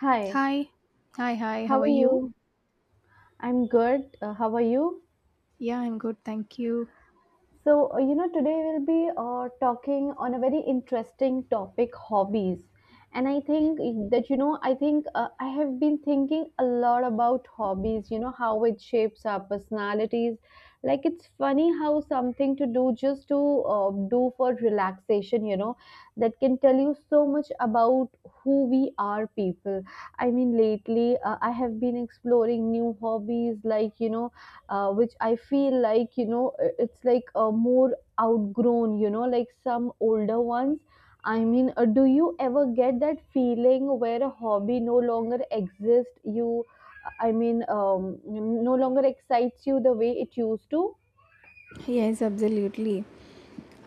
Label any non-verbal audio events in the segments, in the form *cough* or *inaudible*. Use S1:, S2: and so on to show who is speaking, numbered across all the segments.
S1: Hi,
S2: Hi. Hi, hi. How
S1: how
S2: are
S1: are
S2: you?
S1: you? I'm good. How are you?
S2: Yeah, I'm good. Thank you.
S1: Today we'll be talking on a very interesting topic hobbies. And I think that, I think I have been thinking a lot about hobbies, you know, how it shapes our personalities. Like, it's funny how something to do just to do for relaxation, you know, that can tell you so much about who we are, people. I mean, lately I have been exploring new hobbies, like, you know, which I feel like, you know, it's like a more outgrown, you know, like some older ones. I mean, do you ever get that feeling where a hobby no longer exists? You, I mean, no longer excites you the way it used to?
S2: Yes, absolutely.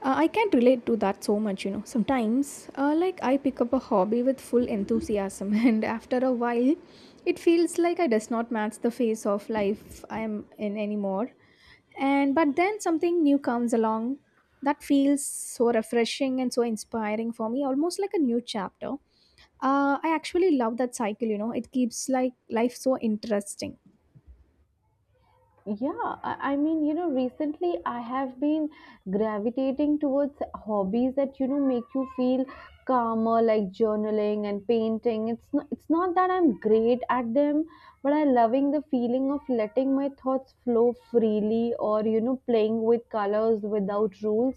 S2: I can't relate to that so much, you know. Sometimes, like, I pick up a hobby with full enthusiasm, *laughs* and after a while, it feels like I does not match the phase of life I'm in anymore. And but then something new comes along that feels so refreshing and so inspiring for me, almost like a new chapter. I actually love that cycle, you know. It keeps like life so interesting.
S1: Yeah, I mean, you know, recently I have been gravitating towards hobbies that, you know, make you feel calmer, like journaling and painting. It's not that I'm great at them, but I loving the feeling of letting my thoughts flow freely or, you know, playing with colors without rules.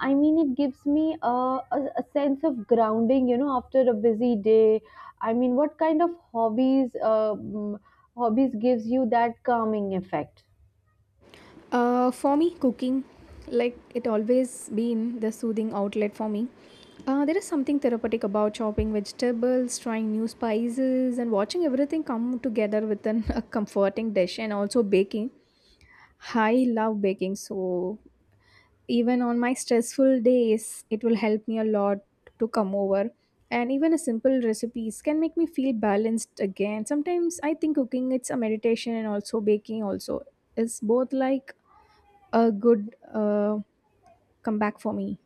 S1: I mean, it gives me a sense of grounding, you know, after a busy day. I mean, what kind of hobbies, hobbies gives you that calming effect?
S2: For me, cooking, like it always been the soothing outlet for me. There is something therapeutic about chopping vegetables, trying new spices, and watching everything come together within *laughs* a comforting dish. And also baking. I love baking, so even on my stressful days, it will help me a lot to come over. And even a simple recipes can make me feel balanced again. Sometimes I think cooking it's a meditation and also baking also is both like a good comeback for me.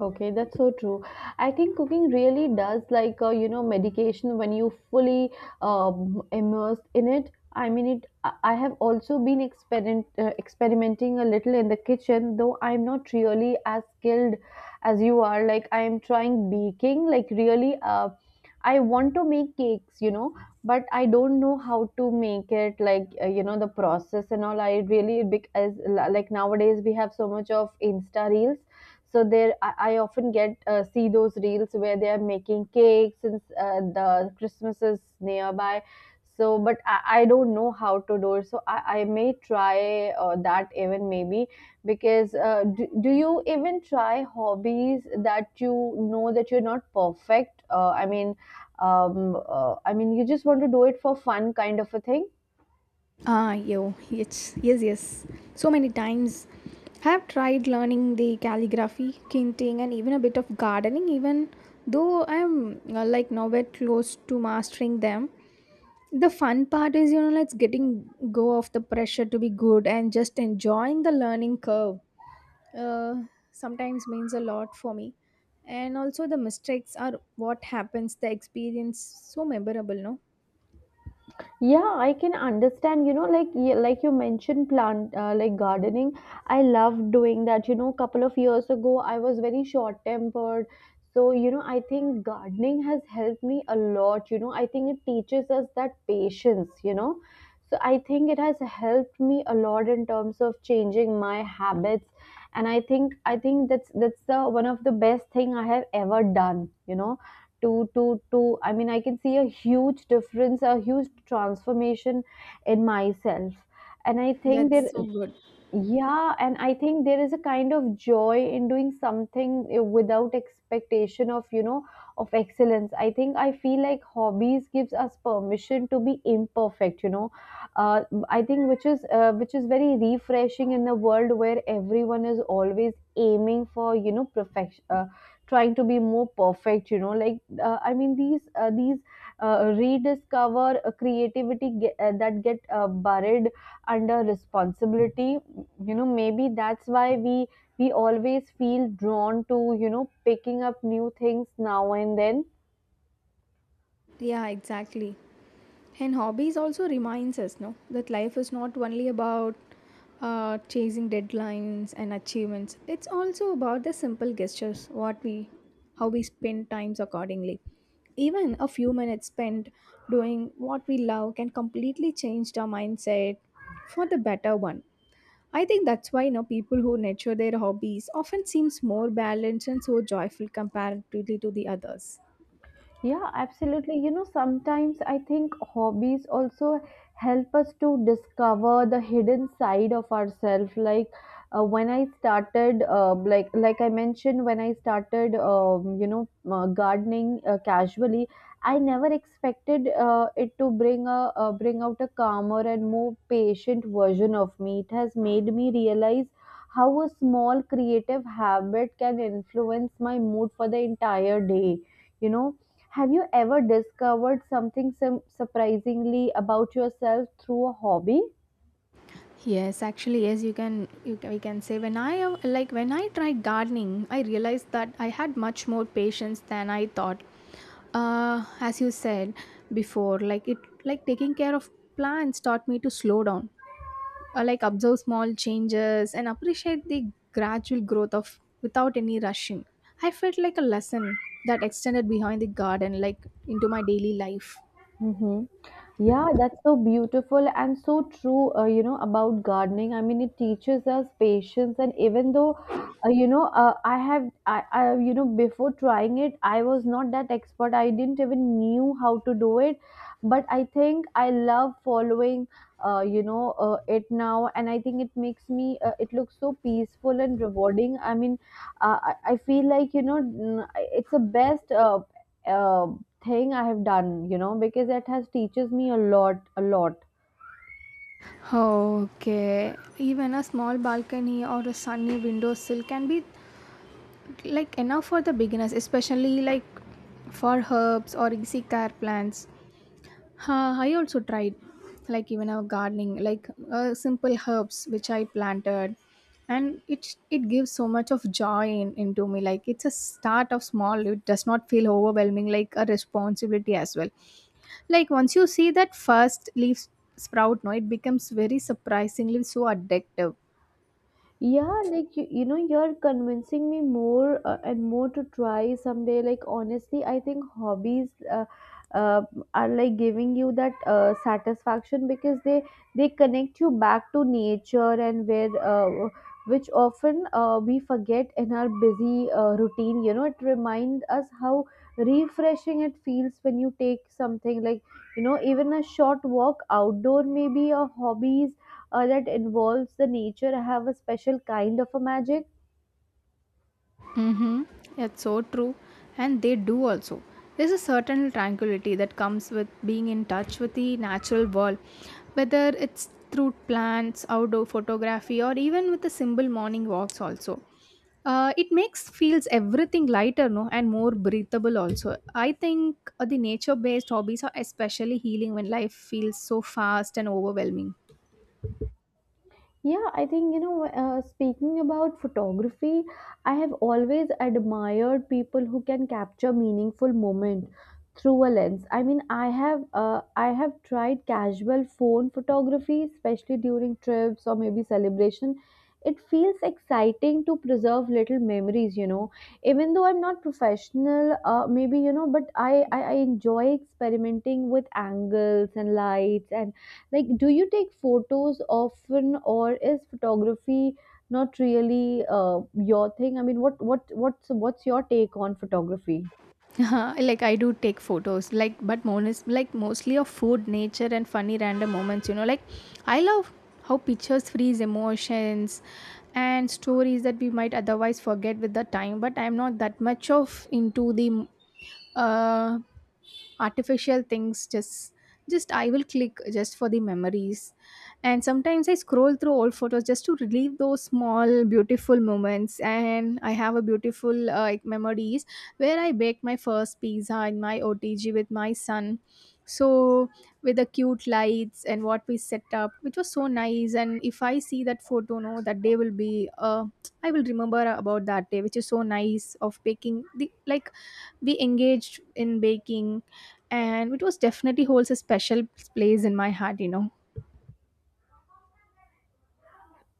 S1: Okay, that's so true. I think cooking really does like you know medication when you fully immersed in it. I mean it. I have also been experimenting a little in the kitchen, though I'm not really as skilled as you are. Like I am trying baking. Like really, I want to make cakes, you know, but I don't know how to make it. Like you know the process and all. I really because like nowadays we have so much of Insta reels so there, I often get see those reels where they are making cakes since the Christmas is nearby. So, but I don't know how to do it. So I may try that even maybe because do you even try hobbies that you know that you're not perfect? I mean, you just want to do it for fun, kind of a thing.
S2: Ah, yo, yes, yes, yes. So many times. I have tried learning the calligraphy, kinting, and even a bit of gardening, even though I'm like nowhere close to mastering them. The fun part is, you know, like getting go of the pressure to be good and just enjoying the learning curve. Uh, Sometimes means a lot for me. And also, the mistakes are what happens, the experience so memorable, no?
S1: Yeah, I can understand, you know, like you mentioned plant like gardening. I love doing that. You know, couple of years ago I was very short-tempered. So, you know, I think gardening has helped me a lot. You know, I think it teaches us that patience, you know. So, I think it has helped me a lot in terms of changing my habits. And I think that's the one of the best thing I have ever done, you know to to to I mean I can see a huge difference a huge transformation in myself and I think that
S2: That's so good.
S1: yeah, and I think there is a kind of joy in doing something without expectation of, you know, of excellence. I think I feel like hobbies gives us permission to be imperfect, you know. Uh, I think which is very refreshing in a world where everyone is always aiming for, you know, perfection, trying to be more perfect, you know. I mean, these rediscover creativity that get buried under responsibility you know maybe that's why we always feel drawn to you know picking up new things now and then.
S2: Yeah, exactly. And hobbies also reminds us, no, that life is not only about chasing deadlines and achievements. It's also about the simple gestures, what we, how we spend times accordingly. Even a few minutes spent doing what we love can completely change our mindset for the better one. I think that's why you know people who nurture their hobbies often seems more balanced and so joyful comparatively to the others.
S1: Yeah, absolutely. You know, sometimes I think hobbies also help us to discover the hidden side of ourselves. Like when I started, like I mentioned, when I started, you know, gardening casually, I never expected it to bring a bring out a calmer and more patient version of me. It has made me realize how a small creative habit can influence my mood for the entire day. You know have you ever discovered something surprisingly about yourself through a hobby?
S2: Yes, actually, yes, you can, we can say when I like when I tried gardening, I realized that I had much more patience than I thought. As you said before, like taking care of plants taught me to slow down, like observe small changes and appreciate the gradual growth of without any rushing. I felt like a lesson that extended behind the garden, like into my daily life.
S1: Hmm. Yeah, that's so beautiful and so true, you know, about gardening. I mean, it teaches us patience. And even though, I have, you know, before trying it, I was not that expert. I didn't even knew how to do it. But I think I love following, you know, it now. And I think it makes me, it looks so peaceful and rewarding. I mean, I feel like, you know, it's the best uh, thing I have done, you know, because it has teaches me a lot, a lot.
S2: Okay, even a small balcony or a sunny windowsill can be like enough for the beginners, especially like for herbs or easy care plants. I also tried like even our gardening like simple herbs which I planted, and it gives so much of joy in, into me. Like it's a start of small, it does not feel overwhelming like a responsibility as well. Like once you see that first leaf sprout, no, it becomes very surprisingly so addictive.
S1: Yeah, like you know, you're convincing me more and more to try someday. Like, honestly, I think hobbies uh, are like giving you that satisfaction because they connect you back to nature and where which often we forget in our busy routine. You know, it reminds us how refreshing it feels when you take something like you know even a short walk outdoor maybe a hobbies that involves the nature. I have a special kind of a magic.
S2: Mm-hmm. It's so true. And they do also. There's a certain tranquility that comes with being in touch with the natural world, whether it's through plants, outdoor photography, or even with the simple morning walks also. It makes feels everything lighter, no, and more breathable also. I think the nature based hobbies are especially healing when life feels so fast and overwhelming.
S1: Yeah, I think, you know, speaking about photography, I have always admired people who can capture meaningful moment through a lens. I mean, I have tried casual phone photography, especially during trips or maybe celebration. It feels exciting to preserve little memories, you know. Even though I'm not professional, maybe, you know, but I enjoy experimenting with angles and lights and like, do you take photos often, or is photography not really your thing? I mean, what's your take on photography?
S2: Uh-huh, like I do take photos, like but most like mostly of food, nature, and funny random moments. You know, like I love how pictures freeze emotions and stories that we might otherwise forget with the time. But I'm not that much of into the uh, artificial things. Just I will click just for the memories, and sometimes I scroll through old photos just to relive those small beautiful moments. And I have a beautiful like memories where I baked my first pizza in my OTG with my son. So, with the cute lights and what we set up, which was so nice. And if I see that photo, no, that day will be, I will remember about that day, which is so nice of baking. The, like, we engaged in baking and it was definitely holds a special place in my heart, you know.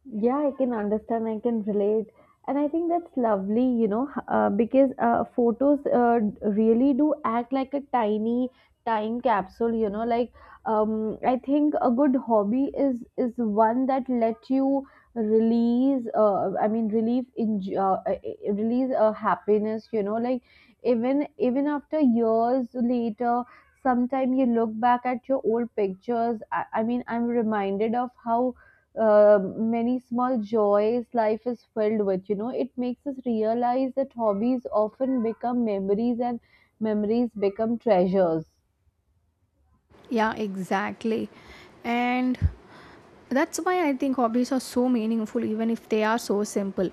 S1: Yeah, I can understand. I can relate. And I think that's lovely, you know, because photos really do act like a tiny time capsule, you know, like I think a good hobby is one that let you release, I mean, relieve in release happiness, you know, like even after years later, sometime you look back at your old pictures. I mean, I'm reminded of how many small joys life is filled with you know it makes us realize that hobbies often become memories and memories become treasures
S2: Yeah, exactly. And that's why I think hobbies are so meaningful even if they are so simple.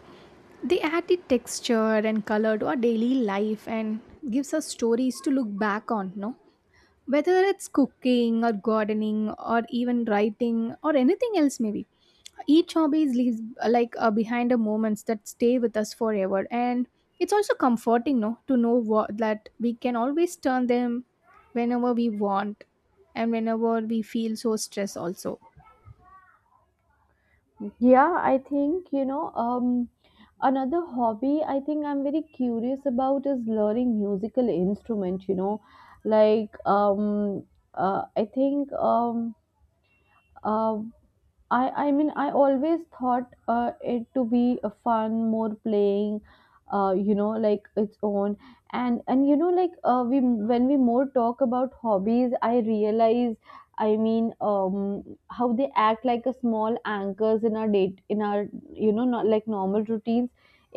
S2: They add the texture and color to our daily life and gives us stories to look back on, no, whether it's cooking or gardening or even writing or anything else maybe. Each hobby leaves behind a moments that stay with us forever, and it's also comforting, no, to know what, that we can always turn them whenever we want and whenever we feel so stressed also.
S1: yeah I think you know another hobby I think I'm very curious about is learning musical instrument you know like um uh, i think um uh, I mean I always thought it to be a fun, more playing, you know, like its own. And you know, like we when we more talk about hobbies, I realize, I mean, how they act like a small anchors in our date in our you know not like normal routines.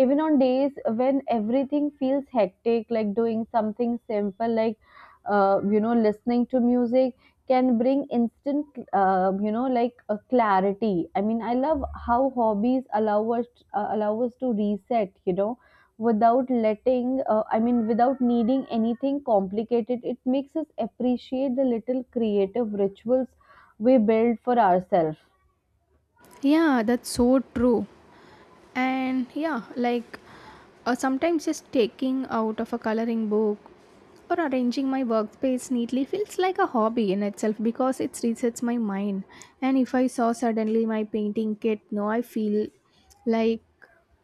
S1: Even on days when everything feels hectic, like doing something simple, like you know, listening to music can bring instant you know like a clarity. I mean I love how hobbies allow us to reset you know without letting I mean without needing anything complicated it makes us appreciate the little creative rituals we build for ourselves.
S2: Yeah, that's so true. And yeah, like sometimes just taking out of a coloring book or arranging my workspace neatly feels like a hobby in itself because it resets my mind. And if I saw suddenly my painting kit, no, I feel like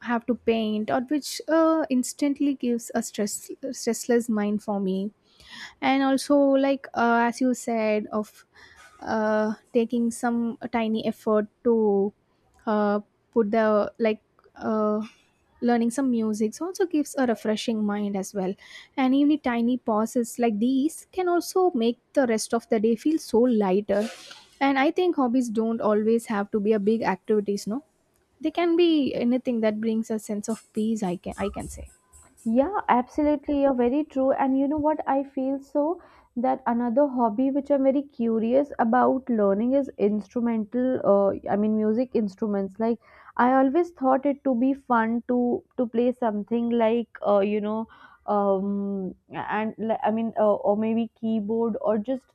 S2: I have to paint or which instantly gives a stress stressless mind for me. And also like as you said of taking some tiny effort to uh, put the like uh, learning some music so also gives a refreshing mind as well. And even tiny pauses like these can also make the rest of the day feel so lighter. And I think hobbies don't always have to be a big activities, no, they can be anything that brings a sense of peace, I can say.
S1: Yeah, absolutely. You're very true. And you know what? I feel so that another hobby which I'm very curious about learning is instrumental, I mean, music instruments. Like, I always thought it to be fun to play something like, you know, and I mean, or maybe keyboard or just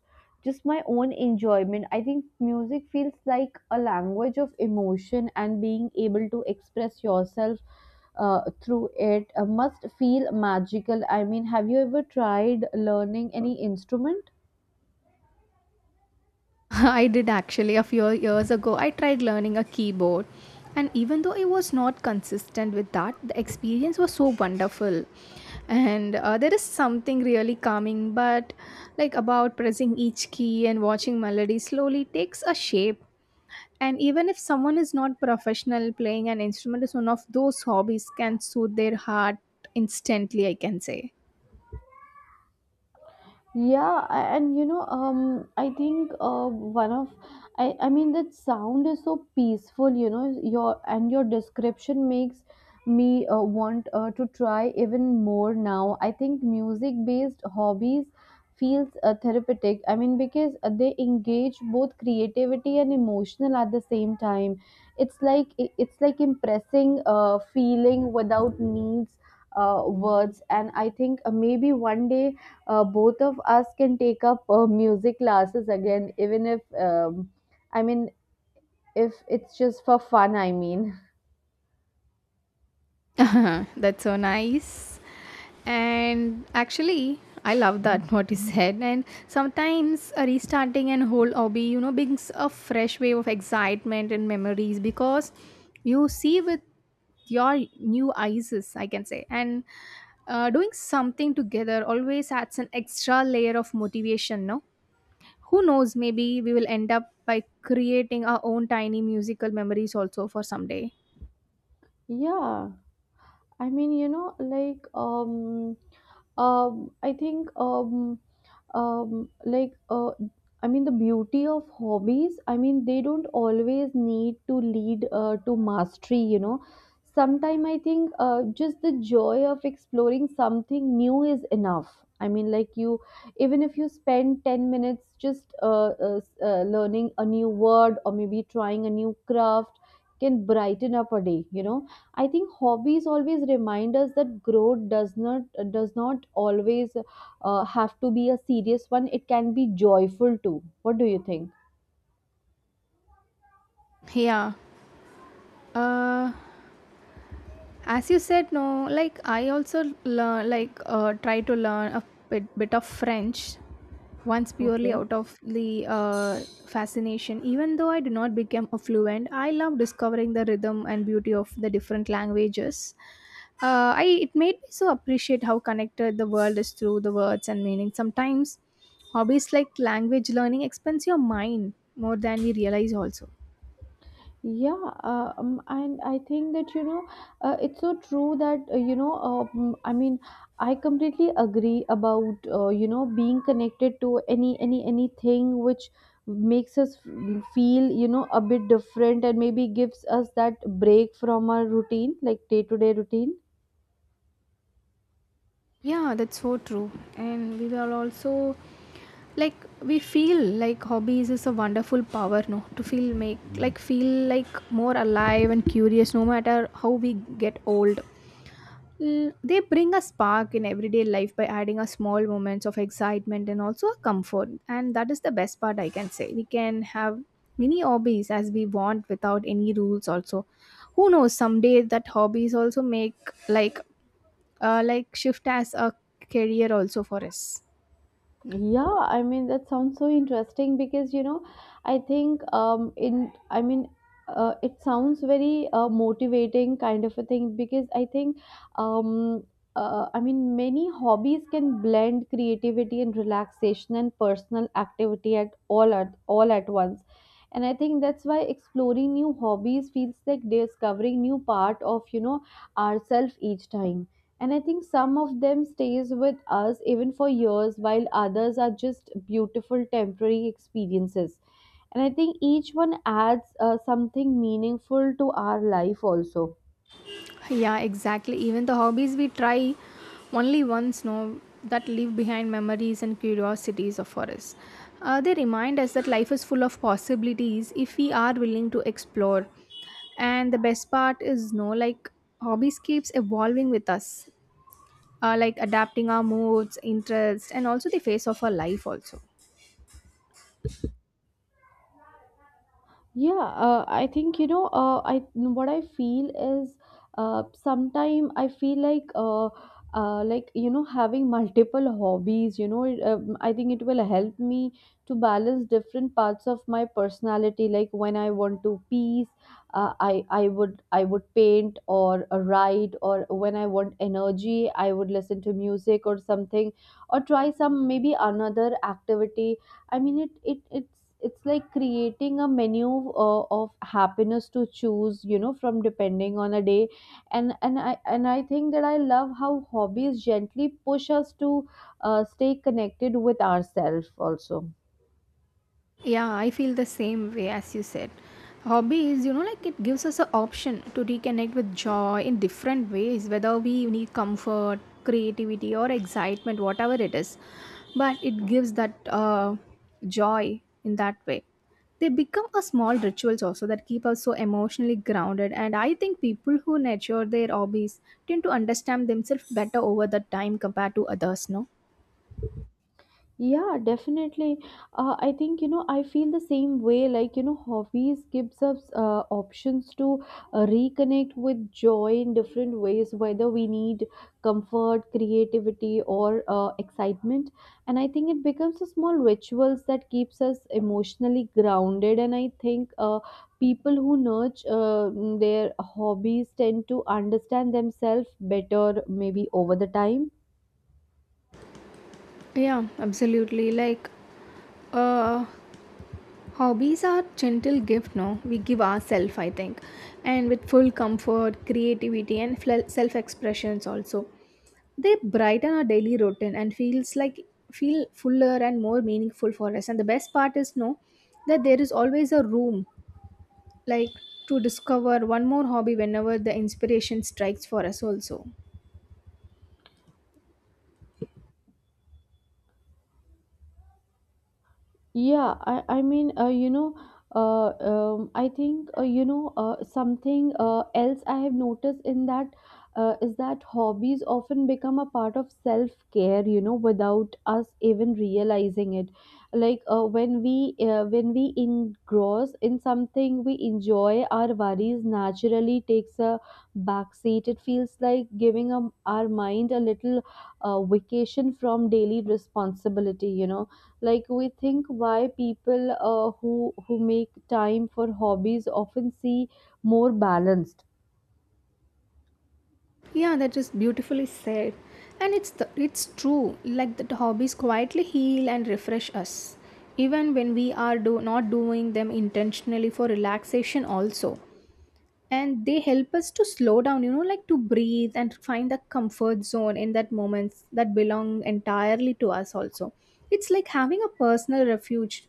S1: just my own enjoyment. I think music feels like a language of emotion and being able to express yourself through it must feel magical. I mean, have you ever tried learning any instrument?
S2: *laughs* I did actually a few years ago. I tried learning a keyboard, and even though I was not consistent with that, the experience was so wonderful. And there is something really calming, but like about pressing each key and watching melody slowly takes a shape. And even if someone is not professional, playing an instrument is one of those hobbies can soothe their heart instantly, I can say.
S1: Yeah, and you know, I think one of, I mean, that sound is so peaceful, you know, your and your description makes me want to try even more now. I think music-based hobbies feels therapeutic. I mean, because they engage both creativity and emotional at the same time. It's like it's like impressing feeling without needs words, and I think maybe one day both of us can take up music classes again, even if, I mean, if it's just for fun, I mean.
S2: *laughs* That's so nice. And actually, I love that *laughs* what you said. And sometimes restarting an whole hobby, you know, brings a fresh wave of excitement and memories because you see with your new eyes, I can say. And doing something together always adds an extra layer of motivation, no? Who knows, maybe we will end up by creating our own tiny musical memories also for someday.
S1: Yeah, I mean, you know, I think, um like uh I mean the beauty of hobbies I mean they don't always need to lead to mastery you know sometimes I think just the joy of exploring something new is enough I mean like you even if you spend 10 minutes just learning a new word or maybe trying a new craft can brighten up a day you know I think hobbies always remind us that growth does not always have to be a serious one. It can be joyful too. What do you think?
S2: Yeah. Uh, as you said, no, like I also learn like try to learn a bit of french once purely
S1: Okay.
S2: out of the fascination. Even though I did not become a fluent, I love discovering the rhythm and beauty of the different languages. I it made me so appreciate how connected the world is through the words and meaning. Sometimes hobbies like language learning expands your mind more than we realize also.
S1: Yeah, and I think that it's so true that I completely agree about being connected to anything which makes us feel, you know, a bit different and maybe gives us that break from our routine, like day to day routine.
S2: Yeah, that's so true. And we will also like we feel like hobbies is a wonderful power, no? To feel make like feel like more alive and curious no matter how we get old. L- They bring a spark in everyday life by adding a small moments of excitement and also a comfort. And that is the best part I can say. We can have many hobbies as we want without any rules also. Who knows, someday that hobbies also make like like shift as a career also for us.
S1: Yeah, I mean that sounds so interesting because, you know, I think in I mean it sounds very motivating kind of a thing because I think um many hobbies can blend creativity and relaxation and personal activity at all at once. And I think that's why exploring new hobbies feels like discovering new part of, you know, ourselves each time. And I think some of them stays with us even for years, while others are just beautiful temporary experiences. And I think each one adds something meaningful to our life also.
S2: Yeah, exactly. Even the hobbies we try only once, no, that leave behind memories and curiosities of for us. They remind us that life is full of possibilities if we are willing to explore. And the best part is, no, like hobbies keeps evolving with us, like adapting our moods, interests, and also the face of our life also.
S1: Yeah, I think, you know. I, what I feel is, sometime I feel like, like, you know, having multiple hobbies. You know, I think it will help me to balance different parts of my personality. Like when I want to peace, uh, I would paint or write, or when I want energy, I would listen to music or something, or try some maybe another activity. I mean, it's it's like creating a menu of happiness to choose, you know, from, depending on a day. And I think that I love how hobbies gently push us to stay connected with ourselves also.
S2: Yeah, I feel the same way as you said. Hobby is, you know, like it gives us an option to reconnect with joy in different ways, whether we need comfort, creativity, or excitement, whatever it is. But it gives that joy in that way. They become a small rituals also that keep us so emotionally grounded. And I think people who nurture their hobbies tend to understand themselves better over the time compared to others, no?
S1: Yeah, definitely. I think, you know, I feel the same way. Like, you know, hobbies gives us options to reconnect with joy in different ways, whether we need comfort, creativity, or excitement. And I think it becomes a small rituals that keeps us emotionally grounded. And I think people who nurture their hobbies tend to understand themselves better, maybe over the time.
S2: Yeah, absolutely. Like, uh, hobbies are gentle gift, no, we give ourselves I think, and with full comfort, creativity and fle- self expressions also. They brighten our daily routine and feels like feel fuller and more meaningful for us. And the best part is, no, that there is always a room like to discover one more hobby whenever the inspiration strikes for us also.
S1: Yeah, I think, something else I have noticed in that is that hobbies often become a part of self-care, you know, without us even realizing it. Like when we engross in something we enjoy, our worries naturally takes a backseat. It feels like giving our mind a little vacation from daily responsibility, you know, like we think why people who who make time for hobbies often see more balanced.
S2: Yeah, that is beautifully said. And it's the, it's true like that hobbies quietly heal and refresh us even when we are do, not doing them intentionally for relaxation also. And they help us to slow down, you know, like to breathe and find the comfort zone in that moments that belong entirely to us also. It's like having a personal refuge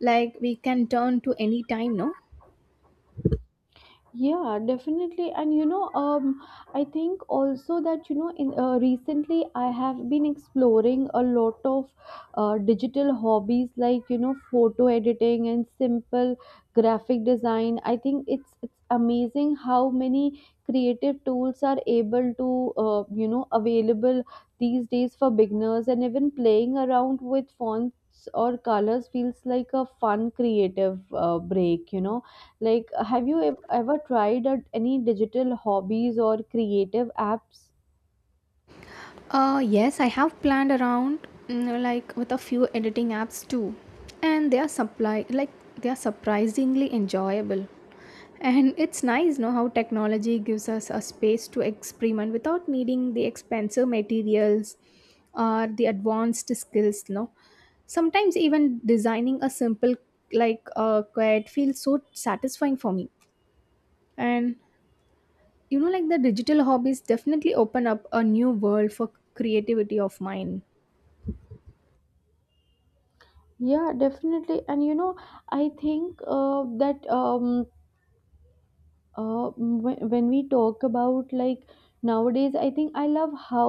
S2: like we can turn to any time, no?
S1: Yeah, definitely. And you know, I think also that, you know, in recently I have been exploring a lot of digital hobbies, like, you know, photo editing and simple graphic design. I think it's amazing how many creative tools are able to, you know, available these days for beginners, and even playing around with fonts or colors feels like a fun creative break. You know, like, have you ever tried out any digital hobbies or creative apps?
S2: Yes, I have planned around like with a few editing apps too, and they are surprisingly enjoyable. And it's nice, know how technology gives us a space to experiment without needing the expensive materials or the advanced skills. No, sometimes even designing a simple like quiet feels so satisfying for me. And you know, like the digital hobbies definitely open up a new world for creativity of mine.
S1: Yeah, definitely. And you know, I think that when we talk about, like, nowadays, I think I love how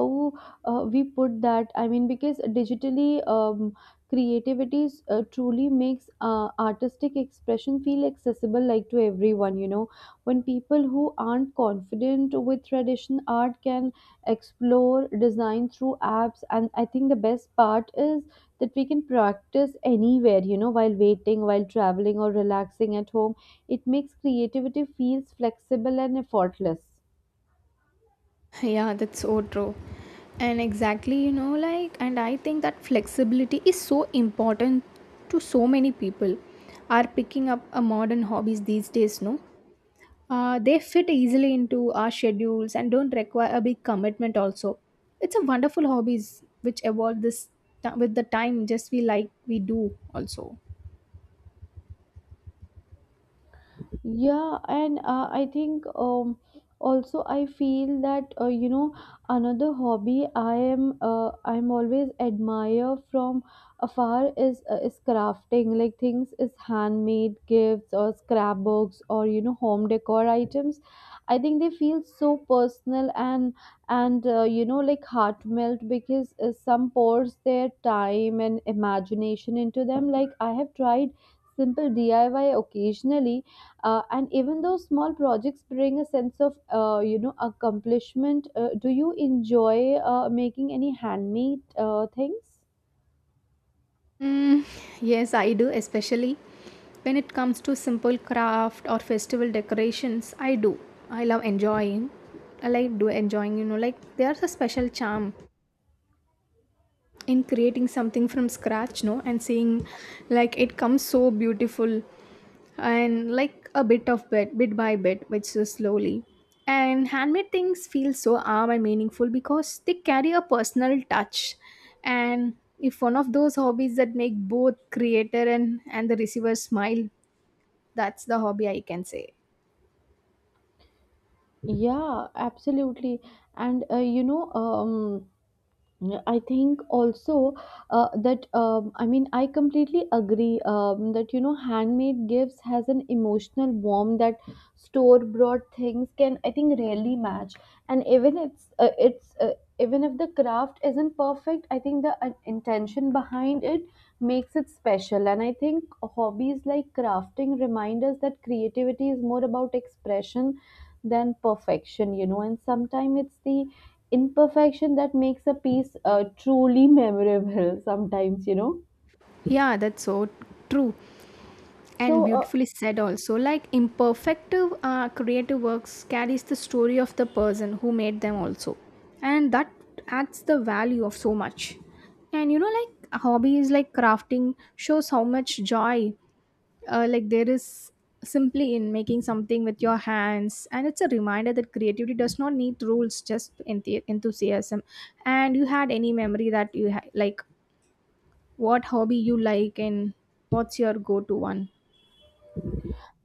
S1: we put that. I mean, because digitally, creativity truly makes artistic expression feel accessible, like, to everyone, you know, when people who aren't confident with traditional art can explore design through apps. And I think the best part is that we can practice anywhere, you know, while waiting, while traveling, or relaxing at home. It makes creativity feels flexible and effortless.
S2: Yeah, that's so true. And exactly, you know, like, and I think that flexibility is so important to so many people are picking up a modern hobbies these days, no? They fit easily into our schedules and don't require a big commitment also. It's a wonderful hobbies which evolve this with the time just we like we do also.
S1: Yeah, and I think also I feel that, you know, another hobby I am I'm always admire from afar is crafting, like things is handmade gifts or scrapbooks or, you know, home decor items. I think they feel so personal and you know, like heartmelt, because some pours their time and imagination into them. Like, I have tried simple DIY occasionally, and even though small projects bring a sense of, you know, accomplishment, do you enjoy making any handmade things?
S2: Mm, yes, I do, especially when it comes to simple craft or festival decorations. I do. I love enjoying. I like do enjoying, you know, like there's a special charm in creating something from scratch no and seeing like it comes so beautiful and like a bit of bit by bit which is slowly, and handmade things feel so arm and meaningful because they carry a personal touch, and if one of those hobbies that make both creator and the receiver smile, that's the hobby I can say.
S1: Yeah, absolutely. And yeah, I think also that I mean, I completely agree that, you know, handmade gifts has an emotional warmth that store bought things can, I think, rarely match. And even it's even if the craft isn't perfect, I think the intention behind it makes it special. And I think hobbies like crafting remind us that creativity is more about expression than perfection, you know, and sometimes it's the imperfection that makes a piece truly memorable *laughs* sometimes, you know.
S2: Yeah, that's so true and
S1: So,
S2: beautifully said also, like imperfect creative works carries the story of the person who made them also, and that adds the value of so much. And you know, like hobbies like crafting shows how much joy like there is simply in making something with your hands, and it's a reminder that creativity does not need rules, just enthusiasm. And you had any memory that you like, what hobby you like and what's your go-to one?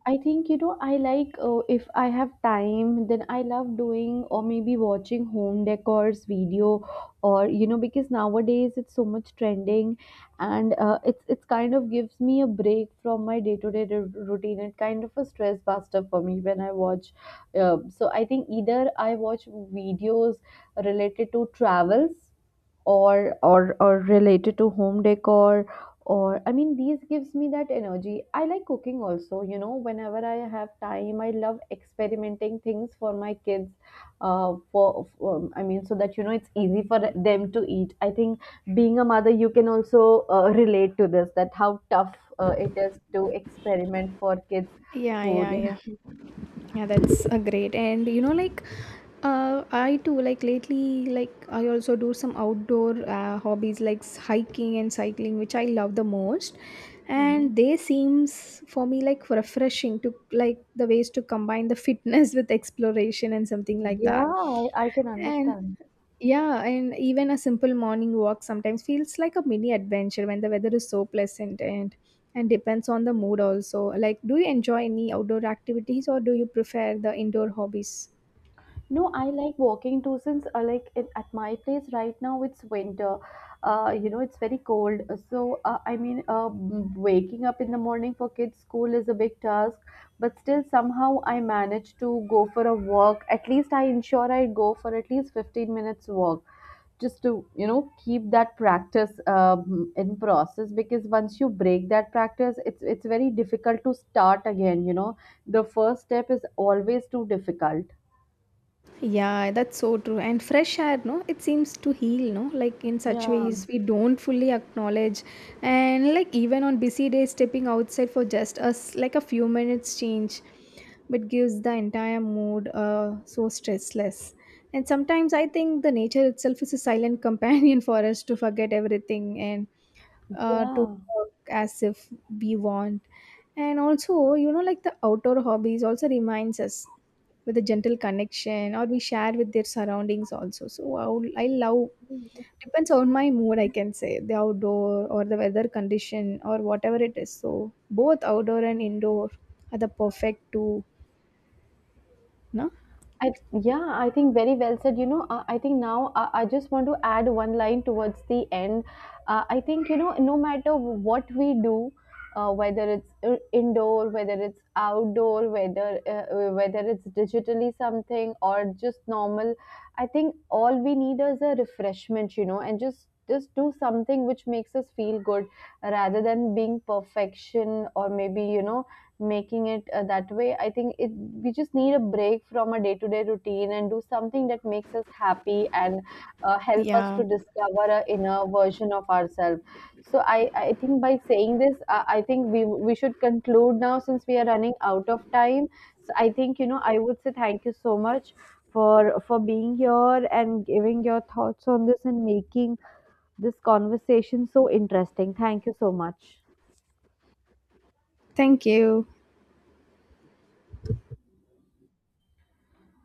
S1: I think, you know, I like, if I have time, then I love doing or maybe watching home decors video, or, you know, because nowadays it's so much trending. And it's kind of gives me a break from my day-to-day routine. It kind of a stress buster for me when I watch. So I think either I watch videos related to travels or related to home decor, or, I mean, these gives me that energy. I like cooking also, you know. Whenever I have time, I love experimenting things for my kids, for I mean, so that, you know, it's easy for them to eat. I think being a mother, you can also relate to this, that how tough it is to experiment for kids
S2: Yeah, yeah,
S1: food
S2: yeah.
S1: *laughs*
S2: Yeah, that's a great, and you know, like I too like lately, like I also do some outdoor hobbies like hiking and cycling, which I love the most,
S1: Mhm.
S2: and they seems for me like refreshing to like the ways to combine the fitness *laughs* with exploration and something like
S1: Yeah,
S2: that.
S1: I can
S2: And
S1: understand.
S2: yeah, and even a simple morning walk sometimes feels like a mini adventure when the weather is so pleasant and depends on the mood also. Like, do you enjoy any outdoor activities or do you prefer the indoor hobbies?
S1: No, I like walking too, since at my place right now it's winter. You know, it's very cold. So waking up in the morning for kids' school is a big task, but still somehow I manage to go for a walk. At least I ensure I go for at least 15 minutes walk, just to, you know, keep that practice in process, because once you break that practice, it's very difficult to start again, you know. The first step is always too difficult.
S2: Yeah, that's so true. And fresh air, no, it seems to heal, no, like in such
S1: Yeah.
S2: ways we don't fully acknowledge. And like even on busy days, stepping outside for just us, like a few minutes change, but gives the entire mood so stressless. And sometimes I think the nature itself is a silent companion *laughs* for us to forget everything and to
S1: Yeah,
S2: work as if we want. And also, you know, like the outdoor hobbies also reminds us with a gentle connection or we share with their surroundings also. So I, I love, depends on my mood, I can say, the outdoor or the weather condition or whatever it is. So both outdoor and indoor are the perfect two, no?
S1: I yeah, I think very well said. You know, I think now I just want to add one line towards the end. I think, you know, no matter what we do, whether it's indoor, whether it's outdoor, whether whether it's digitally something or just normal, I think all we need is a refreshment. You know, and just do something which makes us feel good, rather than being perfection or maybe, you know, making it that way. I think it, we just need a break from a day to day routine, and do something that makes us happy, and help us
S2: Yeah.
S1: to discover a inner version of ourselves. So I think by saying this, I think we should conclude now, since we are running out of time. So I think, you know, I would say thank you so much for being here and giving your thoughts on this and making this conversation so interesting. Thank you so much.
S2: Thank you.